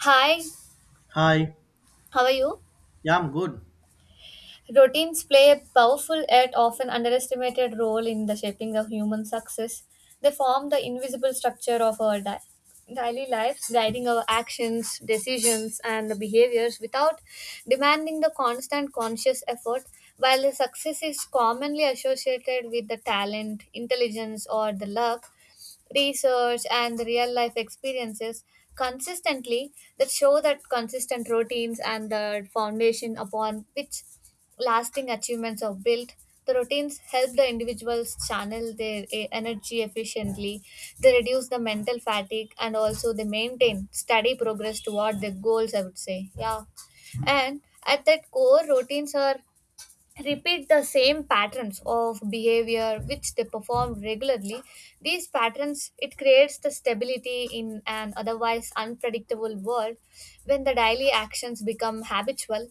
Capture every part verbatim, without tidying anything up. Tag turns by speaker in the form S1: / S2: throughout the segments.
S1: Hi,
S2: Hi,
S1: how are you?
S2: yeah, I'm good.
S1: Routines play a powerful yet often underestimated role in the shaping of human success. They form the invisible structure of our di- daily lives, guiding our actions, decisions, and behaviors without demanding the constant conscious effort. While the success is commonly associated with the talent, intelligence, or the luck, research and the real life experiences consistently that show that consistent routines and the foundation upon which lasting achievements are built. The routines help the individuals channel their eh, energy efficiently. They reduce the mental fatigue and also they maintain steady progress toward their goals, I would say. Yeah. And at that core, routines are repeat the same patterns of behavior which they perform regularly. These patterns it creates the stability in an otherwise unpredictable world. When the daily actions become habitual,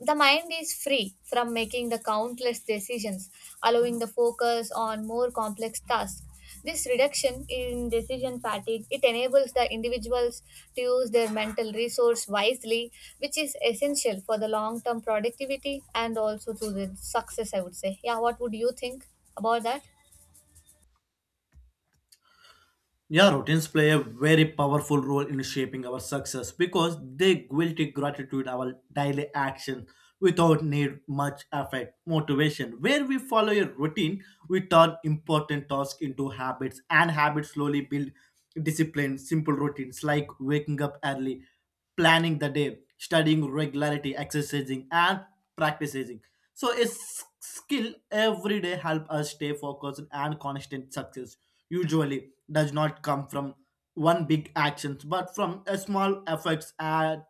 S1: the mind is free from making the countless decisions, allowing the focus on more complex tasks. This reduction in decision fatigue it enables the individuals to use their mental resource wisely, which is essential for the long-term productivity and also to the success. I would say, yeah. What would you think about that?
S2: Yeah, routines play a very powerful role in shaping our success because they guilt gratitude our daily action without need much effort, motivation. Where we follow a routine, we turn important tasks into habits, and habits slowly build discipline. Simple routines like waking up early, planning the day, studying regularity, exercising, and practicing. So, a s- skill every day help us stay focused and constant success. Usually, does not come from one big actions but from a small efforts and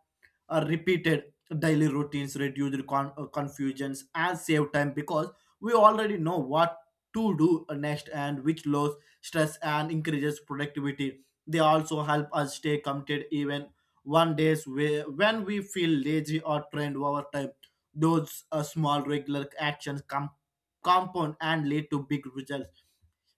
S2: a repeated daily routines reduce con- uh, confusions and save time because we already know what to do next and which lowers stress and increases productivity. They also help us stay committed even one days where, when we feel lazy or trained over time, those uh, small regular actions come compound and lead to big results.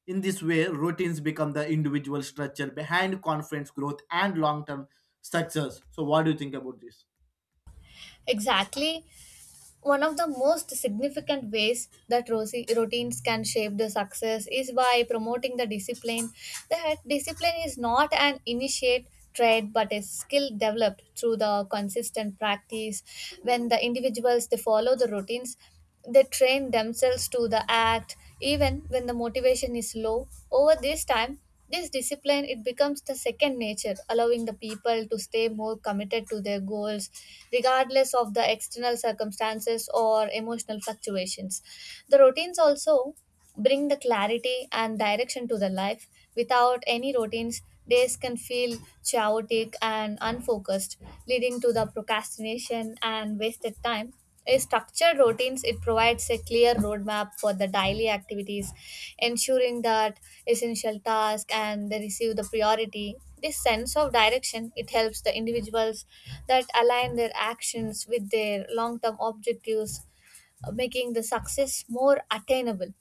S2: In this way, routines become the individual structure behind confidence growth and long term success. So, what do you think about this?
S1: Exactly. One of the most significant ways that rosi- routines can shape the success is by promoting the discipline. That discipline is not an initiate trait but a skill developed through the consistent practice. When the individuals they follow the routines, they train themselves to the act even when the motivation is low. Over this time, this discipline it becomes the second nature, allowing the people to stay more committed to their goals regardless of the external circumstances or emotional fluctuations. The routines also bring the clarity and direction to the life. Without any routines, days can feel chaotic and unfocused, leading to the procrastination and wasted time. A structured routines it provides a clear roadmap for the daily activities, ensuring that essential tasks and they receive the priority. This sense of direction it helps the individuals that align their actions with their long-term objectives, uh, making the success more attainable.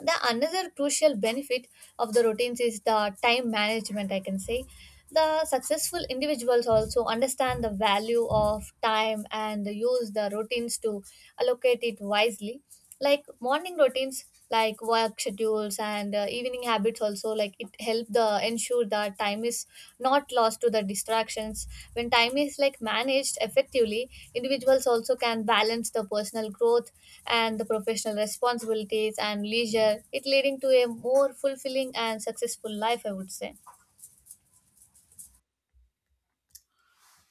S1: The another crucial benefit of the routines is the time management, I can say. The successful individuals also understand the value of time and use the routines to allocate it wisely, like morning routines, like work schedules, and uh, evening habits habits also, like it help the ensure that time is not lost to the distractions. When time is like managed effectively, individuals also can balance the personal growth and the professional responsibilities and leisure, it leading to a more fulfilling and successful life, I would say.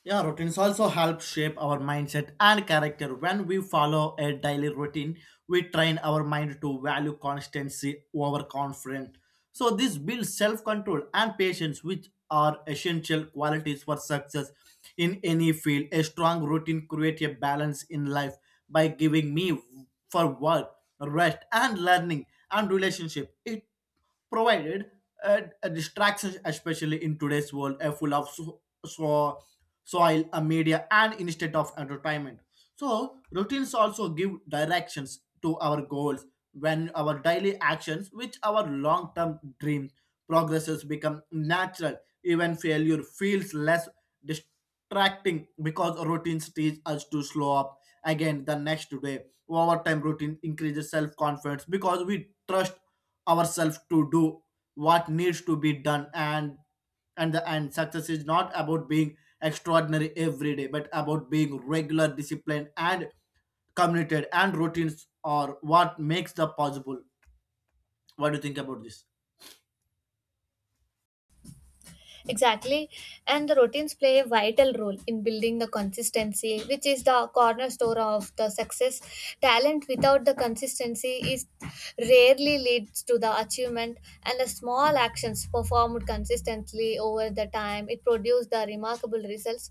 S2: Yeah, routines also help shape our mindset and character. When we follow a daily routine, we train our mind to value constancy over confidence. So, this builds self control and patience, which are essential qualities for success in any field. A strong routine creates a balance in life by giving me for work, rest, and learning and relationship. It provided uh, distractions, especially in today's world, are full of so, so, soil, uh, media, and instead of entertainment. So routines also give directions to our goals when our daily actions, which our long-term dream progresses, become natural. Even failure feels less distracting because routines teach us to slow up again the next day. Over time, routine increases self-confidence because we trust ourselves to do what needs to be done. And and the end success is not about being extraordinary every day but about being regular disciplined and committed, and routines are what makes the possible. What do you think about this?
S1: Exactly. And the routines play a vital role in building the consistency, which is the cornerstone of the success. Talent without the consistency is rarely leads to the achievement, and the small actions performed consistently over the time it produces the remarkable results,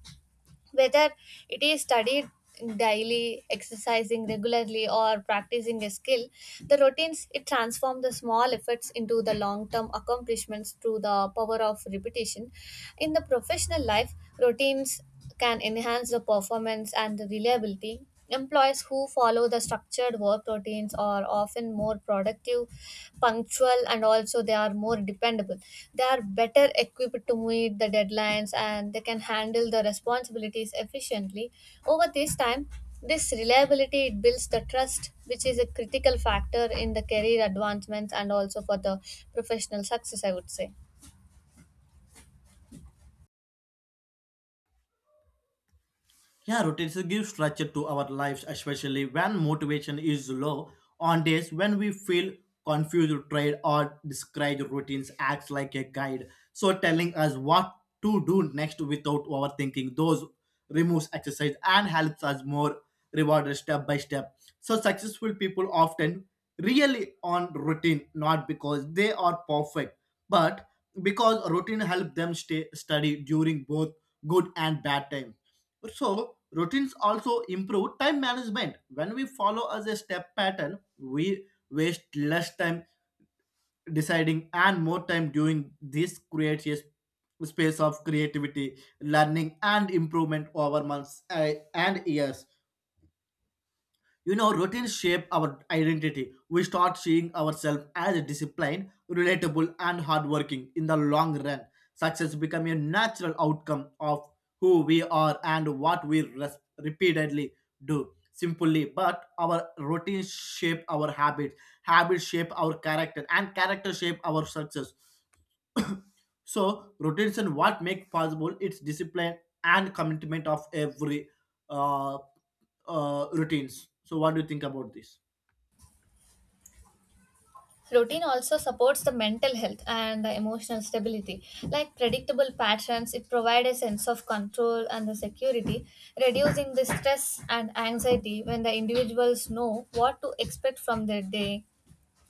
S1: whether it is studied daily, exercising regularly, or practicing a skill. The routines it transform the small efforts into the long term accomplishments through the power of repetition. In the professional life, routines can enhance the performance and the reliability. Employees who follow the structured work routines are often more productive, punctual, and also they are more dependable. They are better equipped to meet the deadlines and they can handle the responsibilities efficiently. Over this time, this reliability it builds the trust, which is a critical factor in the career advancements and also for the professional success, I would say.
S2: Yeah, routines give structure to our lives, especially when motivation is low. On days when we feel confused, tired, or discouraged, routines act like a guide. So telling us what to do next without overthinking. Those removes exercise and helps us more rewarded step by step. So successful people often really on routine, not because they are perfect, but because routine help them stay steady during both good and bad time. So routines also improve time management. When we follow as a step pattern, we waste less time deciding and more time doing. This creates a space of creativity, learning, and improvement over months uh, and years. You know, routines shape our identity. We start seeing ourselves as disciplined, relatable, and hardworking in the long run. Success becomes a natural outcome of who we are and what we res- repeatedly do. Simply, but our routines shape our habits, habits shape our character, and character shape our success. So, routines and what make possible its discipline and commitment of every uh, uh, routines. So, what do you think about this?
S1: Routine also supports the mental health and the emotional stability. Like predictable patterns, it provides a sense of control and the security, reducing the stress and anxiety when the individuals know what to expect from their day.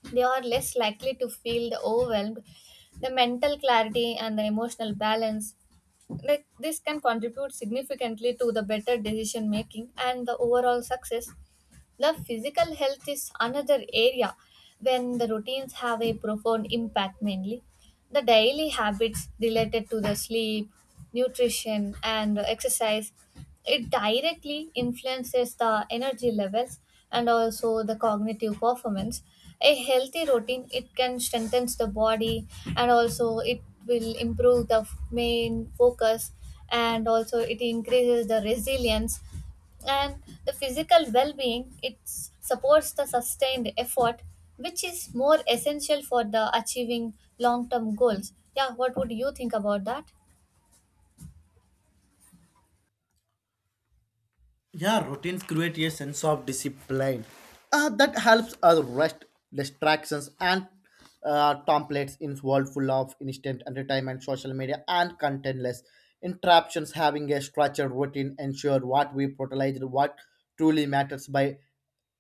S1: They are less likely to feel the overwhelmed. The mental clarity and the emotional balance, like this can contribute significantly to the better decision making and the overall success. The physical health is another area when the routines have a profound impact mainly. The daily habits related to the sleep, nutrition and exercise it directly influences the energy levels and also the cognitive performance. A healthy routine it can strengthen the body and also it will improve the f- main focus and also it increases the resilience, and the physical well-being it s- supports the sustained effort, which is more essential for the achieving long-term goals. Yeah, what would you think about that?
S2: Yeah, routines create a sense of discipline uh, that helps us rest distractions and uh, templates in world full of instant entertainment, social media, and contentless interruptions. Having a structured routine ensure what we prioritize, what truly matters by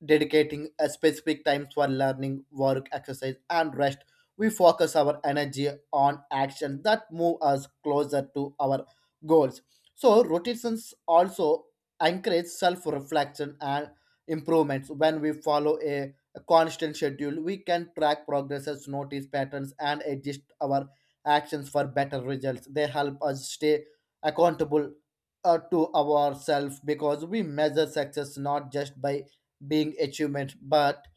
S2: dedicating a specific times for learning, work, exercise, and rest. We focus our energy on action that move us closer to our goals. So rotations also encourage self reflection and improvements when we follow a, a constant schedule. We can track progresses, notice patterns, and adjust our actions for better results. They help us stay accountable uh, to ourselves because we measure success not just by being achievement but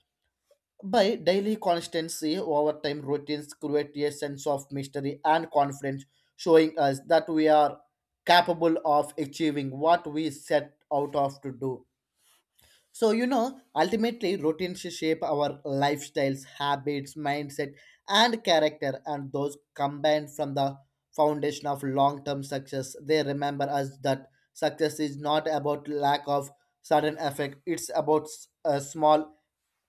S2: by daily constancy. Over time, routines create a sense of mystery and confidence, showing us that we are capable of achieving what we set out of to do. So, you know, ultimately, routines shape our lifestyles, habits, mindset, and character, and those combined from the foundation of long term success. They remember us that success is not about lack of sudden effect, it's about s- a small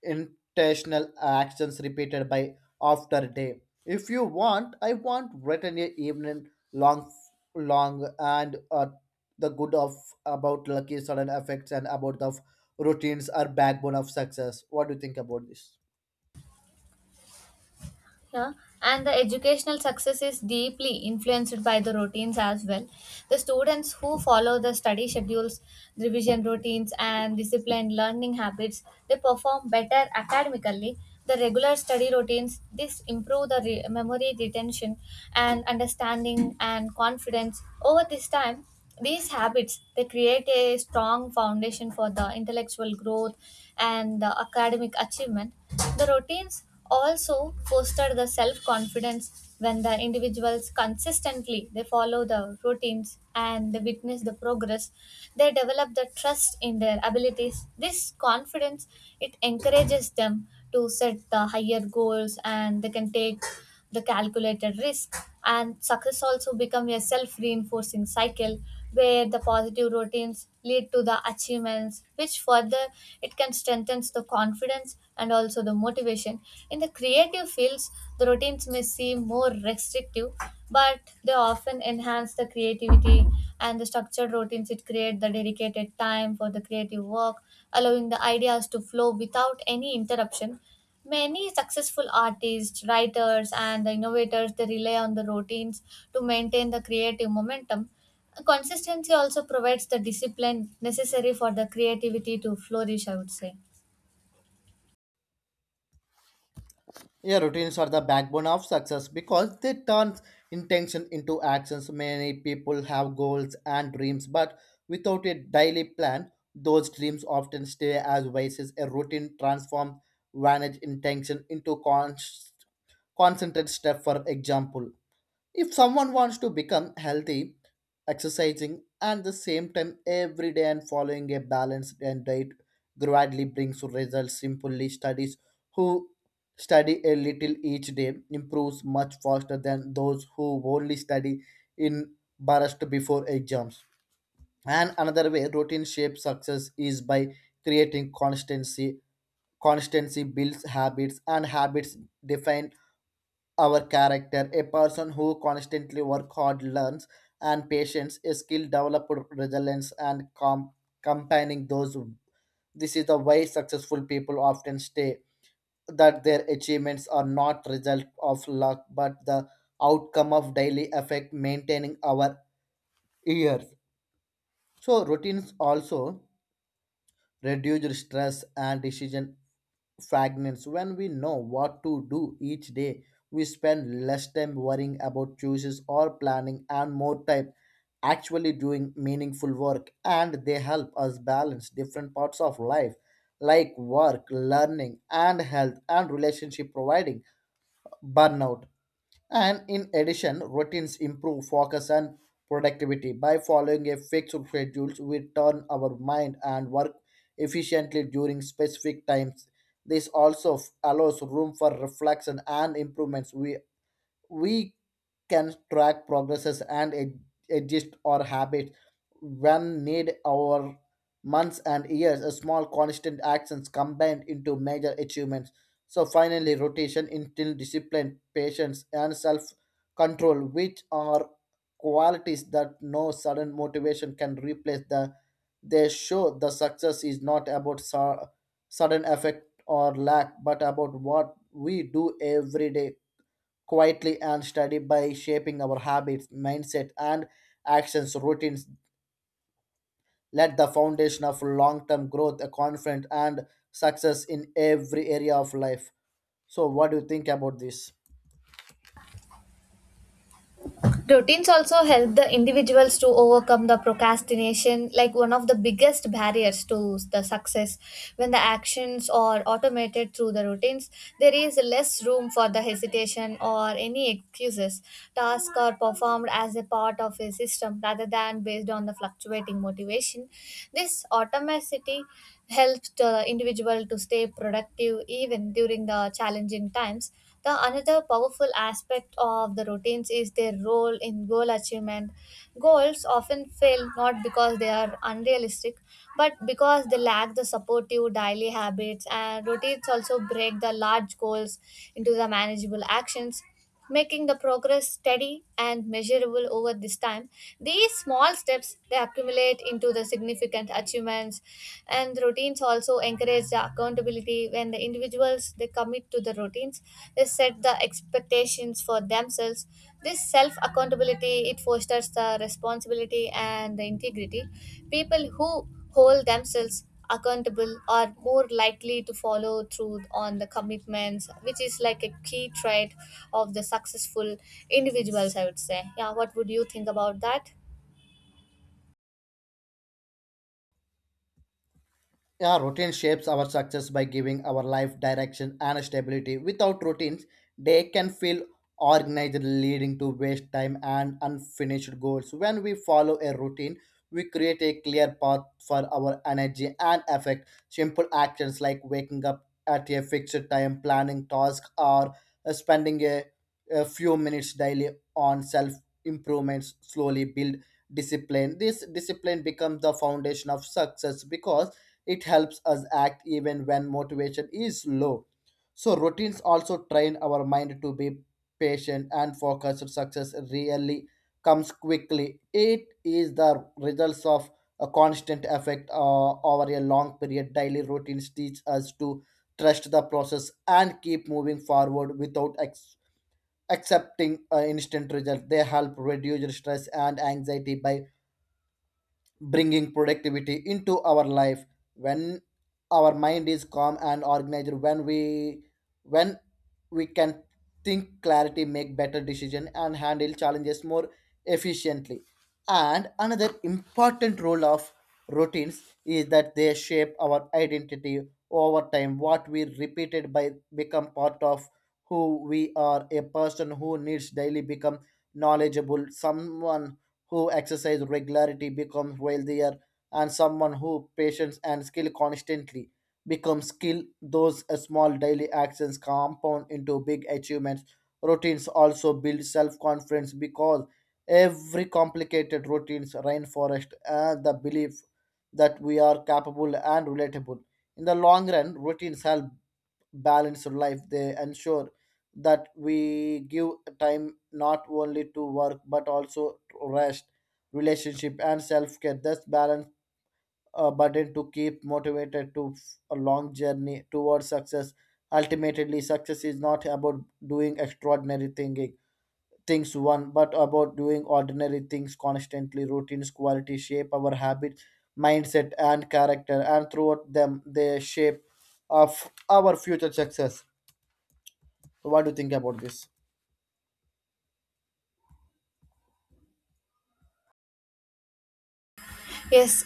S2: intentional actions repeated by after day. If you want, I want written a evening long, long and uh, the good of about lucky sudden effects and about the routines are backbone of success. What do you think about this?
S1: Yeah. And the educational success is deeply influenced by the routines as well. The students who follow the study schedules, revision routines, and disciplined learning habits, they perform better academically. The regular study routines, this improve the re- memory retention and understanding and confidence. Over this time, these habits, they create a strong foundation for the intellectual growth and the academic achievement. The routines also foster the self-confidence. When the individuals consistently they follow the routines and they witness the progress, they develop the trust in their abilities. This confidence it encourages them to set the higher goals and they can take the calculated risk, and success also become a self-reinforcing cycle where the positive routines lead to the achievements, which further it can strengthen the confidence and also the motivation. In the creative fields, the routines may seem more restrictive, but they often enhance the creativity, and the structured routines it create the dedicated time for the creative work, allowing the ideas to flow without any interruption. Many successful artists, writers, and innovators they rely on the routines to maintain the creative momentum. Consistency also provides the discipline necessary for the creativity to flourish, I would say.
S2: Yeah, routines are the backbone of success because they turn intention into actions. Many people have goals and dreams, but without a daily plan, those dreams often stay as vices. A routine transforms vanished intention into const- concentrated step, for example. If someone wants to become healthy, exercising and the same time every day and following a balanced and diet gradually brings results. Simply studies who study a little each day improves much faster than those who only study in burst before exams. And another way routine shapes success is by creating constancy. Constancy builds habits, and habits define our character. A person who constantly work hard, learns, and patience, a skill developed resilience and com- combining those. This is the way successful people often stay. That their achievements are not result of luck, but the outcome of daily effect maintaining our years. So routines also reduced stress and decision fragments. When we know what to do each day, we spend less time worrying about choices or planning and more time actually doing meaningful work. And they help us balance different parts of life like work, learning and health and relationship, providing burnout. And in addition, routines improve focus and productivity. By following a fixed schedule, we turn our mind and work efficiently during specific times. This also f- allows room for reflection and improvements. We we can track progresses and ad- adjust our habits when need our months and years. A small constant actions combined into major achievements. So finally rotation instill discipline, patience, and self control, which are qualities that no sudden motivation can replace. The they show the success is not about su- sudden effect or lack but about what we do every day quietly and steady. By shaping our habits, mindset, and actions, routines let the foundation of long-term growth, confidence, and success in every area of life. So, what do you think about this?
S1: Routines also help the individuals to overcome the procrastination, like one of the biggest barriers to the success. When the actions are automated through the routines, there is less room for the hesitation or any excuses. Tasks are performed as a part of a system rather than based on the fluctuating motivation. This automaticity helps the individual to stay productive even during the challenging times. The another powerful aspect of the routines is their role in goal achievement. Goals often fail not because they are unrealistic, but because they lack the supportive daily habits, and routines also break the large goals into the manageable actions, making the progress steady and measurable. Over this time, these small steps they accumulate into the significant achievements, and routines also encourage the accountability. When the individuals they commit to the routines, they set the expectations for themselves. This self accountability it fosters the responsibility and the integrity. People who hold themselves accountable are more likely to follow through on the commitments, which is like a key trait of the successful individuals, I would say. Yeah, what would you think about that?
S2: Yeah, routine shapes our success by giving our life direction and stability. Without routines, they can feel organized, leading to waste time and unfinished goals. When we follow a routine, we create a clear path for our energy and effect. Simple actions like waking up at a fixed time, planning tasks, or uh, spending a, a few minutes daily on self improvements slowly build discipline. This discipline becomes the foundation of success because it helps us act even when motivation is low. So routines also train our mind to be patient and focused. Success really comes quickly. It is the results of a constant effect uh, over a long period. Daily routines teach us to trust the process and keep moving forward without ex- accepting uh, instant results. They help reduce stress and anxiety by bringing productivity into our life when our mind is calm and organized. When we when we can think clarity, make better decision, and handle challenges more efficiently. And another important role of routines is that they shape our identity over time. What we repeated by become part of who we are. A person who needs daily become knowledgeable, someone who exercise regularity becomes wealthier, and someone who patience and skill constantly becomes skilled. Those uh, small daily actions compound into big achievements. Routines also build self-confidence because every complicated routines rainforest and the belief that we are capable and relatable. In the long run, routines help balanced life. They ensure that we give time not only to work but also to rest, relationship, and self care. Thus, balance a burden to keep motivated to f- a long journey towards success. Ultimately, success is not about doing extraordinary thinking things one, but about doing ordinary things constantly. Routines, quality shape our habits, mindset, and character, and throughout them, they shape of our future success. So what do you think about this?
S1: Yes,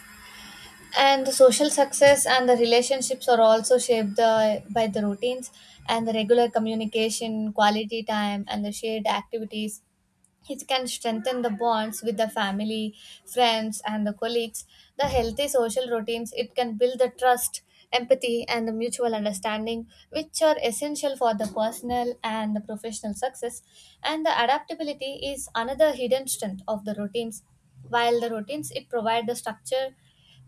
S1: and the social success and the relationships are also shaped uh, by the routines, and the regular communication, quality time, and the shared activities it can strengthen the bonds with the family, friends, and the colleagues. The healthy social routines it can build the trust, empathy, and the mutual understanding, which are essential for the personal and the professional success. And the adaptability is another hidden strength of the routines. While the routines it provide the structure,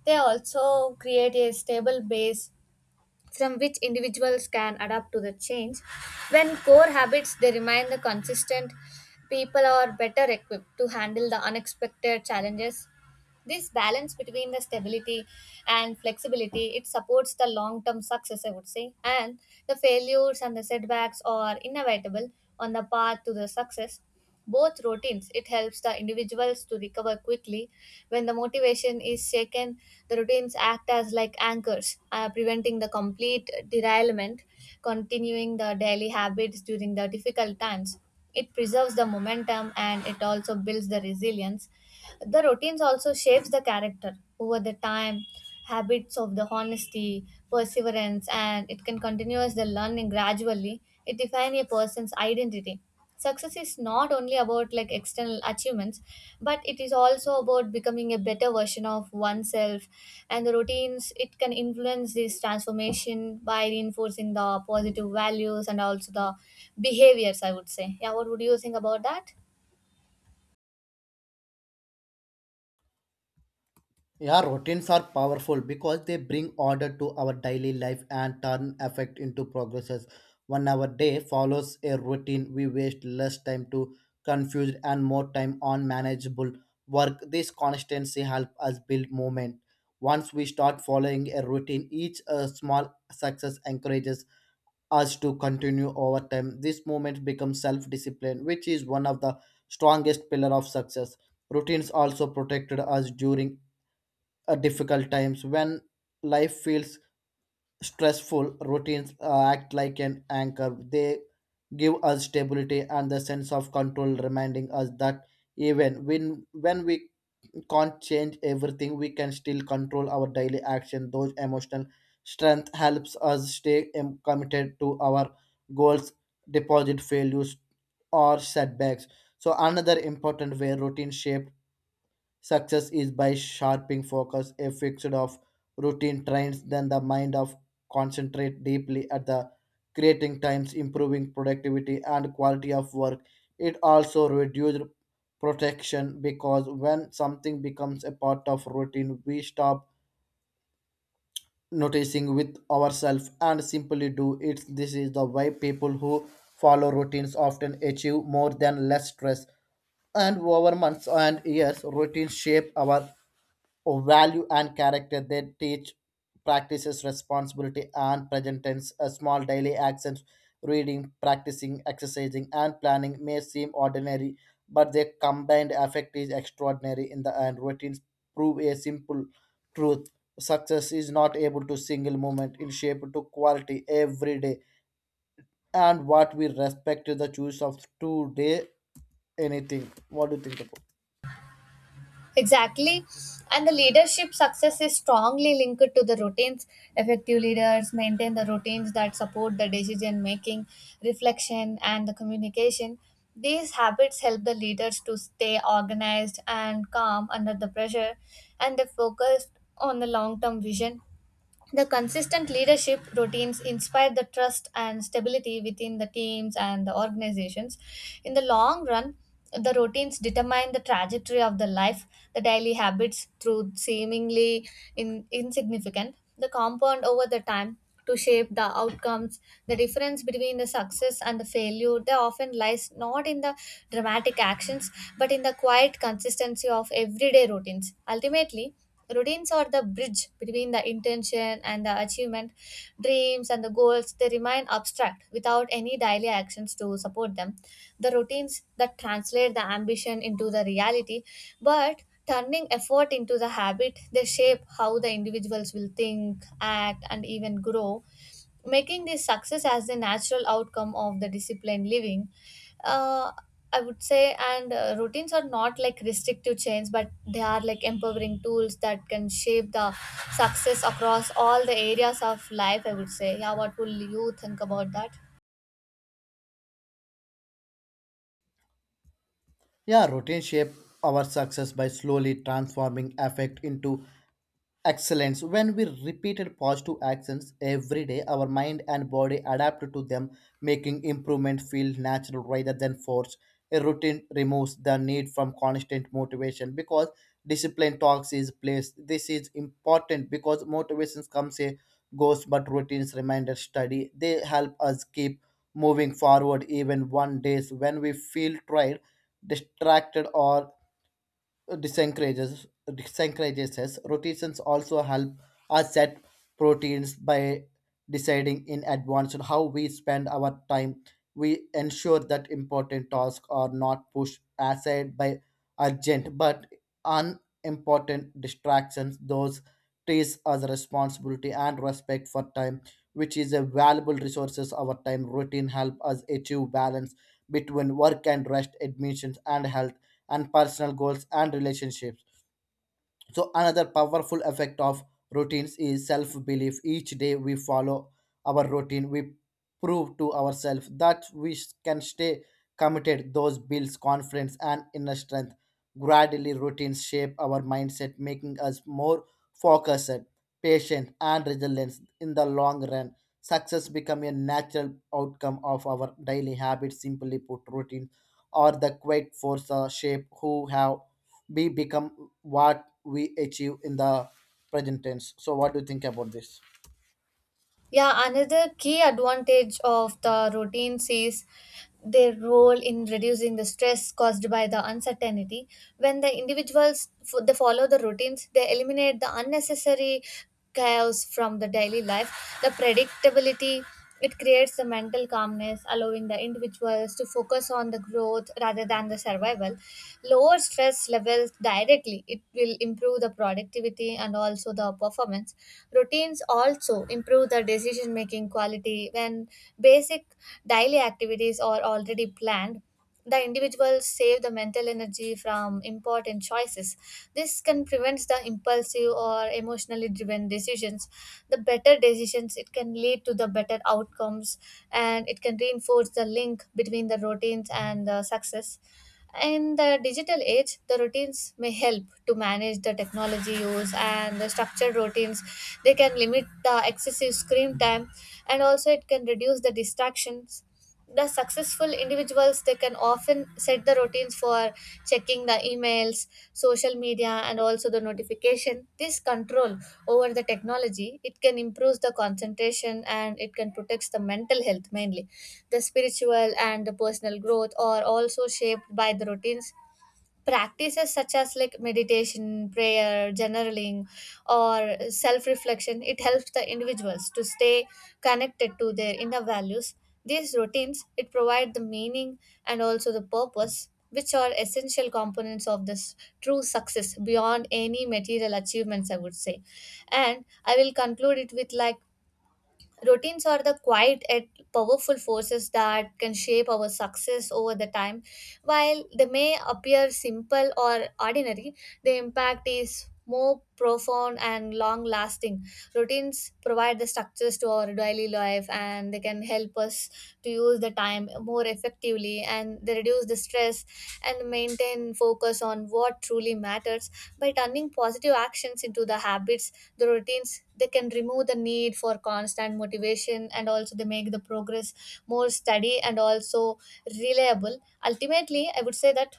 S1: they also create a stable base from which individuals can adapt to the change. When core habits they remain the consistent, people are better equipped to handle the unexpected challenges. This balance between the stability and flexibility it supports the long-term success, I would say, and the failures and the setbacks are inevitable on the path to the success. Both routines it helps the individuals to recover quickly when the motivation is shaken. The routines act as like anchors, uh, preventing the complete derailment. Continuing the daily habits during the difficult times, it preserves the momentum and it also builds the resilience. The routines also shapes the character. Over the time, habits of the honesty, perseverance, and it can continuous the learning gradually. It defines a person's identity. Success is not only about like external achievements, but it is also about becoming a better version of oneself. And the routines it can influence this transformation by reinforcing the positive values and also the behaviors. I would say, yeah. What would you think about that?
S2: Yeah, routines are powerful because they bring order to our daily life and turn effect into progresses. When our day follows a routine, we waste less time to confused and more time on manageable work. This constancy helps us build movement. Once we start following a routine, each uh, small success encourages us to continue over time. This movement becomes self-discipline, which is one of the strongest pillar of success. Routines also protected us during uh, difficult times when life feels stressful. Routines uh, act like an anchor. They give us stability and the sense of control, reminding us that even when when we can't change everything, we can still control our daily action. Those emotional strength helps us stay em- committed to our goals deposit failures or setbacks. So another important way routine shape success is by sharpening focus. A fixed of routine trains, then the mind of concentrate deeply at the creating times, improving productivity and quality of work. It also reduces protection because when something becomes a part of routine, we stop noticing with ourselves and simply do it. This is the way people who follow routines often achieve more than less stress. And over months and years, routines shape our value and character. They teach practices responsibility and present tense. A small daily actions, reading, practicing, exercising, and planning may seem ordinary, but their combined effect is extraordinary in the end. Routines prove a simple truth: success is not able to single moment in shape to quality every day, and what we respect is the choice of today. Anything, what do you think about?
S1: Exactly. And the leadership success is strongly linked to the routines. Effective leaders maintain the routines that support the decision making, reflection, and the communication. These habits help the leaders to stay organized and calm under the pressure, and they focus on the long term vision. The consistent leadership routines inspire the trust and stability within the teams and the organizations. In the long run, the routines determine the trajectory of the life. The daily habits, through seemingly in, insignificant, the compound over the time to shape the outcomes. The difference between the success and the failure, they often lies not in the dramatic actions, but in the quiet consistency of everyday routines. Ultimately, routines are the bridge between the intention and the achievement. Dreams and the goals, they remain abstract without any daily actions to support them. The routines that translate the ambition into the reality, but turning effort into the habit, they shape how the individuals will think, act, and even grow, making this success as the natural outcome of the disciplined living, uh, I would say. And uh, routines are not like restrictive chains, but they are like empowering tools that can shape the success across all the areas of life, I would say. Yeah, what will you think about that?
S2: Yeah, routine shape our success by slowly transforming effect into excellence. When we repeated positive actions every day, our mind and body adapt to them, making improvement feel natural rather than forced. A routine removes the need from constant motivation because discipline talks is place. This is important because motivations comes and goes, but routines reminder study. They help us keep moving forward even one days when we feel tired, distracted, or disencourages disencourages us. Rotations also help us set proteins by deciding in advance on how we spend our time. We ensure that important tasks are not pushed aside by urgent but unimportant distractions. Those trees as responsibility and respect for time, which is a valuable resources. Our time routine help us achieve balance between work and rest, admissions and health and personal goals and relationships. So another powerful effect of routines is self belief. Each day we follow our routine, we prove to ourselves that we can stay committed. Those builds confidence and inner strength. Gradually, routines shape our mindset, making us more focused, patient, and resilient in the long run. Success becomes a natural outcome of our daily habits. Simply put, routines are the quiet force uh, shape who have be become what we achieve in the present tense. So, what do you think about this?
S1: Yeah, another key advantage of the routines is their role in reducing the stress caused by the uncertainty. When the individuals f- they follow the routines, they eliminate the unnecessary chaos from the daily life. The predictability it creates a mental calmness, allowing the individuals to focus on the growth rather than the survival. Lower stress levels directly, it will improve the productivity and also the performance. Routines also improve the decision making quality when basic daily activities are already planned. The individuals save the mental energy from important choices. This can prevent the impulsive or emotionally driven decisions. The better decisions it can lead to the better outcomes and it can reinforce the link between the routines and the success. In the digital age, the routines may help to manage the technology use, and the structured routines they can limit the excessive screen time and also it can reduce the distractions. The successful individuals they can often set the routines for checking the emails, social media, and also the notification. This control over the technology, it can improve the concentration and it can protect the mental health mainly. The spiritual and the personal growth are also shaped by the routines. Practices such as like meditation, prayer, journaling, or self reflection it helps the individuals to stay connected to their inner values. These routines it provide the meaning and also the purpose, which are essential components of this true success beyond any material achievements, I would say. And I will conclude it with like routines are the quiet and powerful forces that can shape our success over the time. While they may appear simple or ordinary, the impact is more profound and long lasting. Routines provide the structures to our daily life and they can help us to use the time more effectively and they reduce the stress and maintain focus on what truly matters. By turning positive actions into the habits, the routines, they can remove the need for constant motivation and also they make the progress more steady and also reliable. Ultimately, I would say that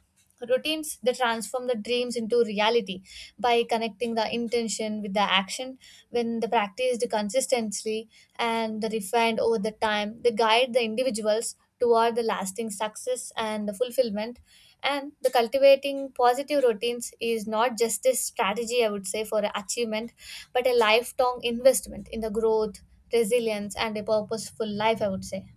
S1: routines they transform the dreams into reality by connecting the intention with the action. When they practiced consistently and refined over the time, they guide the individuals toward the lasting success and the fulfillment, and the cultivating positive routines is not just a strategy, I would say, for achievement, but a lifelong investment in the growth, resilience, and a purposeful life, I would say.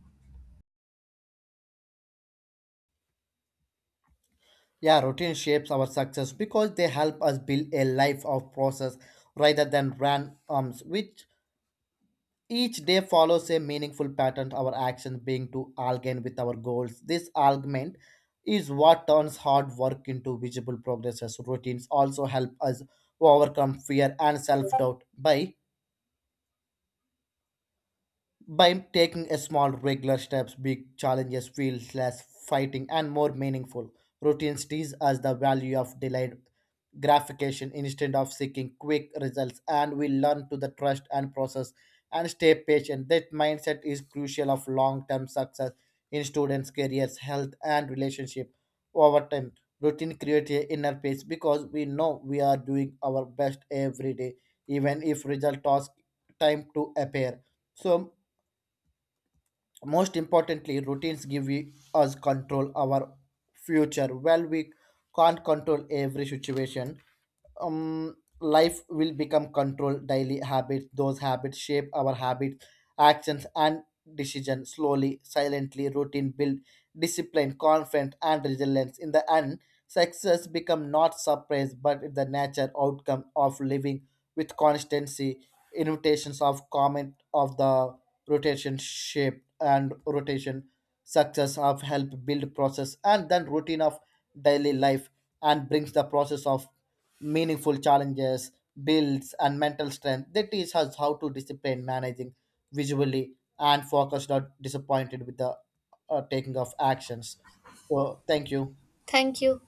S2: Yeah, routine shapes our success because they help us build a life of process rather than randoms, which each day follows a meaningful pattern, our actions being to align with our goals. This alignment is what turns hard work into visible progresses. Routines also help us overcome fear and self doubt by by taking a small regular steps. Big challenges feel less fighting and more meaningful. Routines tease us the value of delayed gratification instead of seeking quick results, and we learn to the trust and process and stay patient. That mindset is crucial of long-term success in students' careers, health, and relationship. Over time, routine creates a inner peace because we know we are doing our best every day, even if result takes time to appear. So most importantly routines give we, us control our future. While we can't control every situation, um, life will become controlled daily habits. Those habits shape our habits, actions, and decisions slowly, silently. Routine build discipline, confidence, and resilience. In the end, success become not surprise, but the natural outcome of living with constancy. Invitations of comment of the rotation shape and rotation success of help build process and then routine of daily life and brings the process of meaningful challenges, builds, and mental strength. They teach us how to discipline managing visually and focus not disappointed with the uh, taking of actions. So thank you.
S1: Thank you.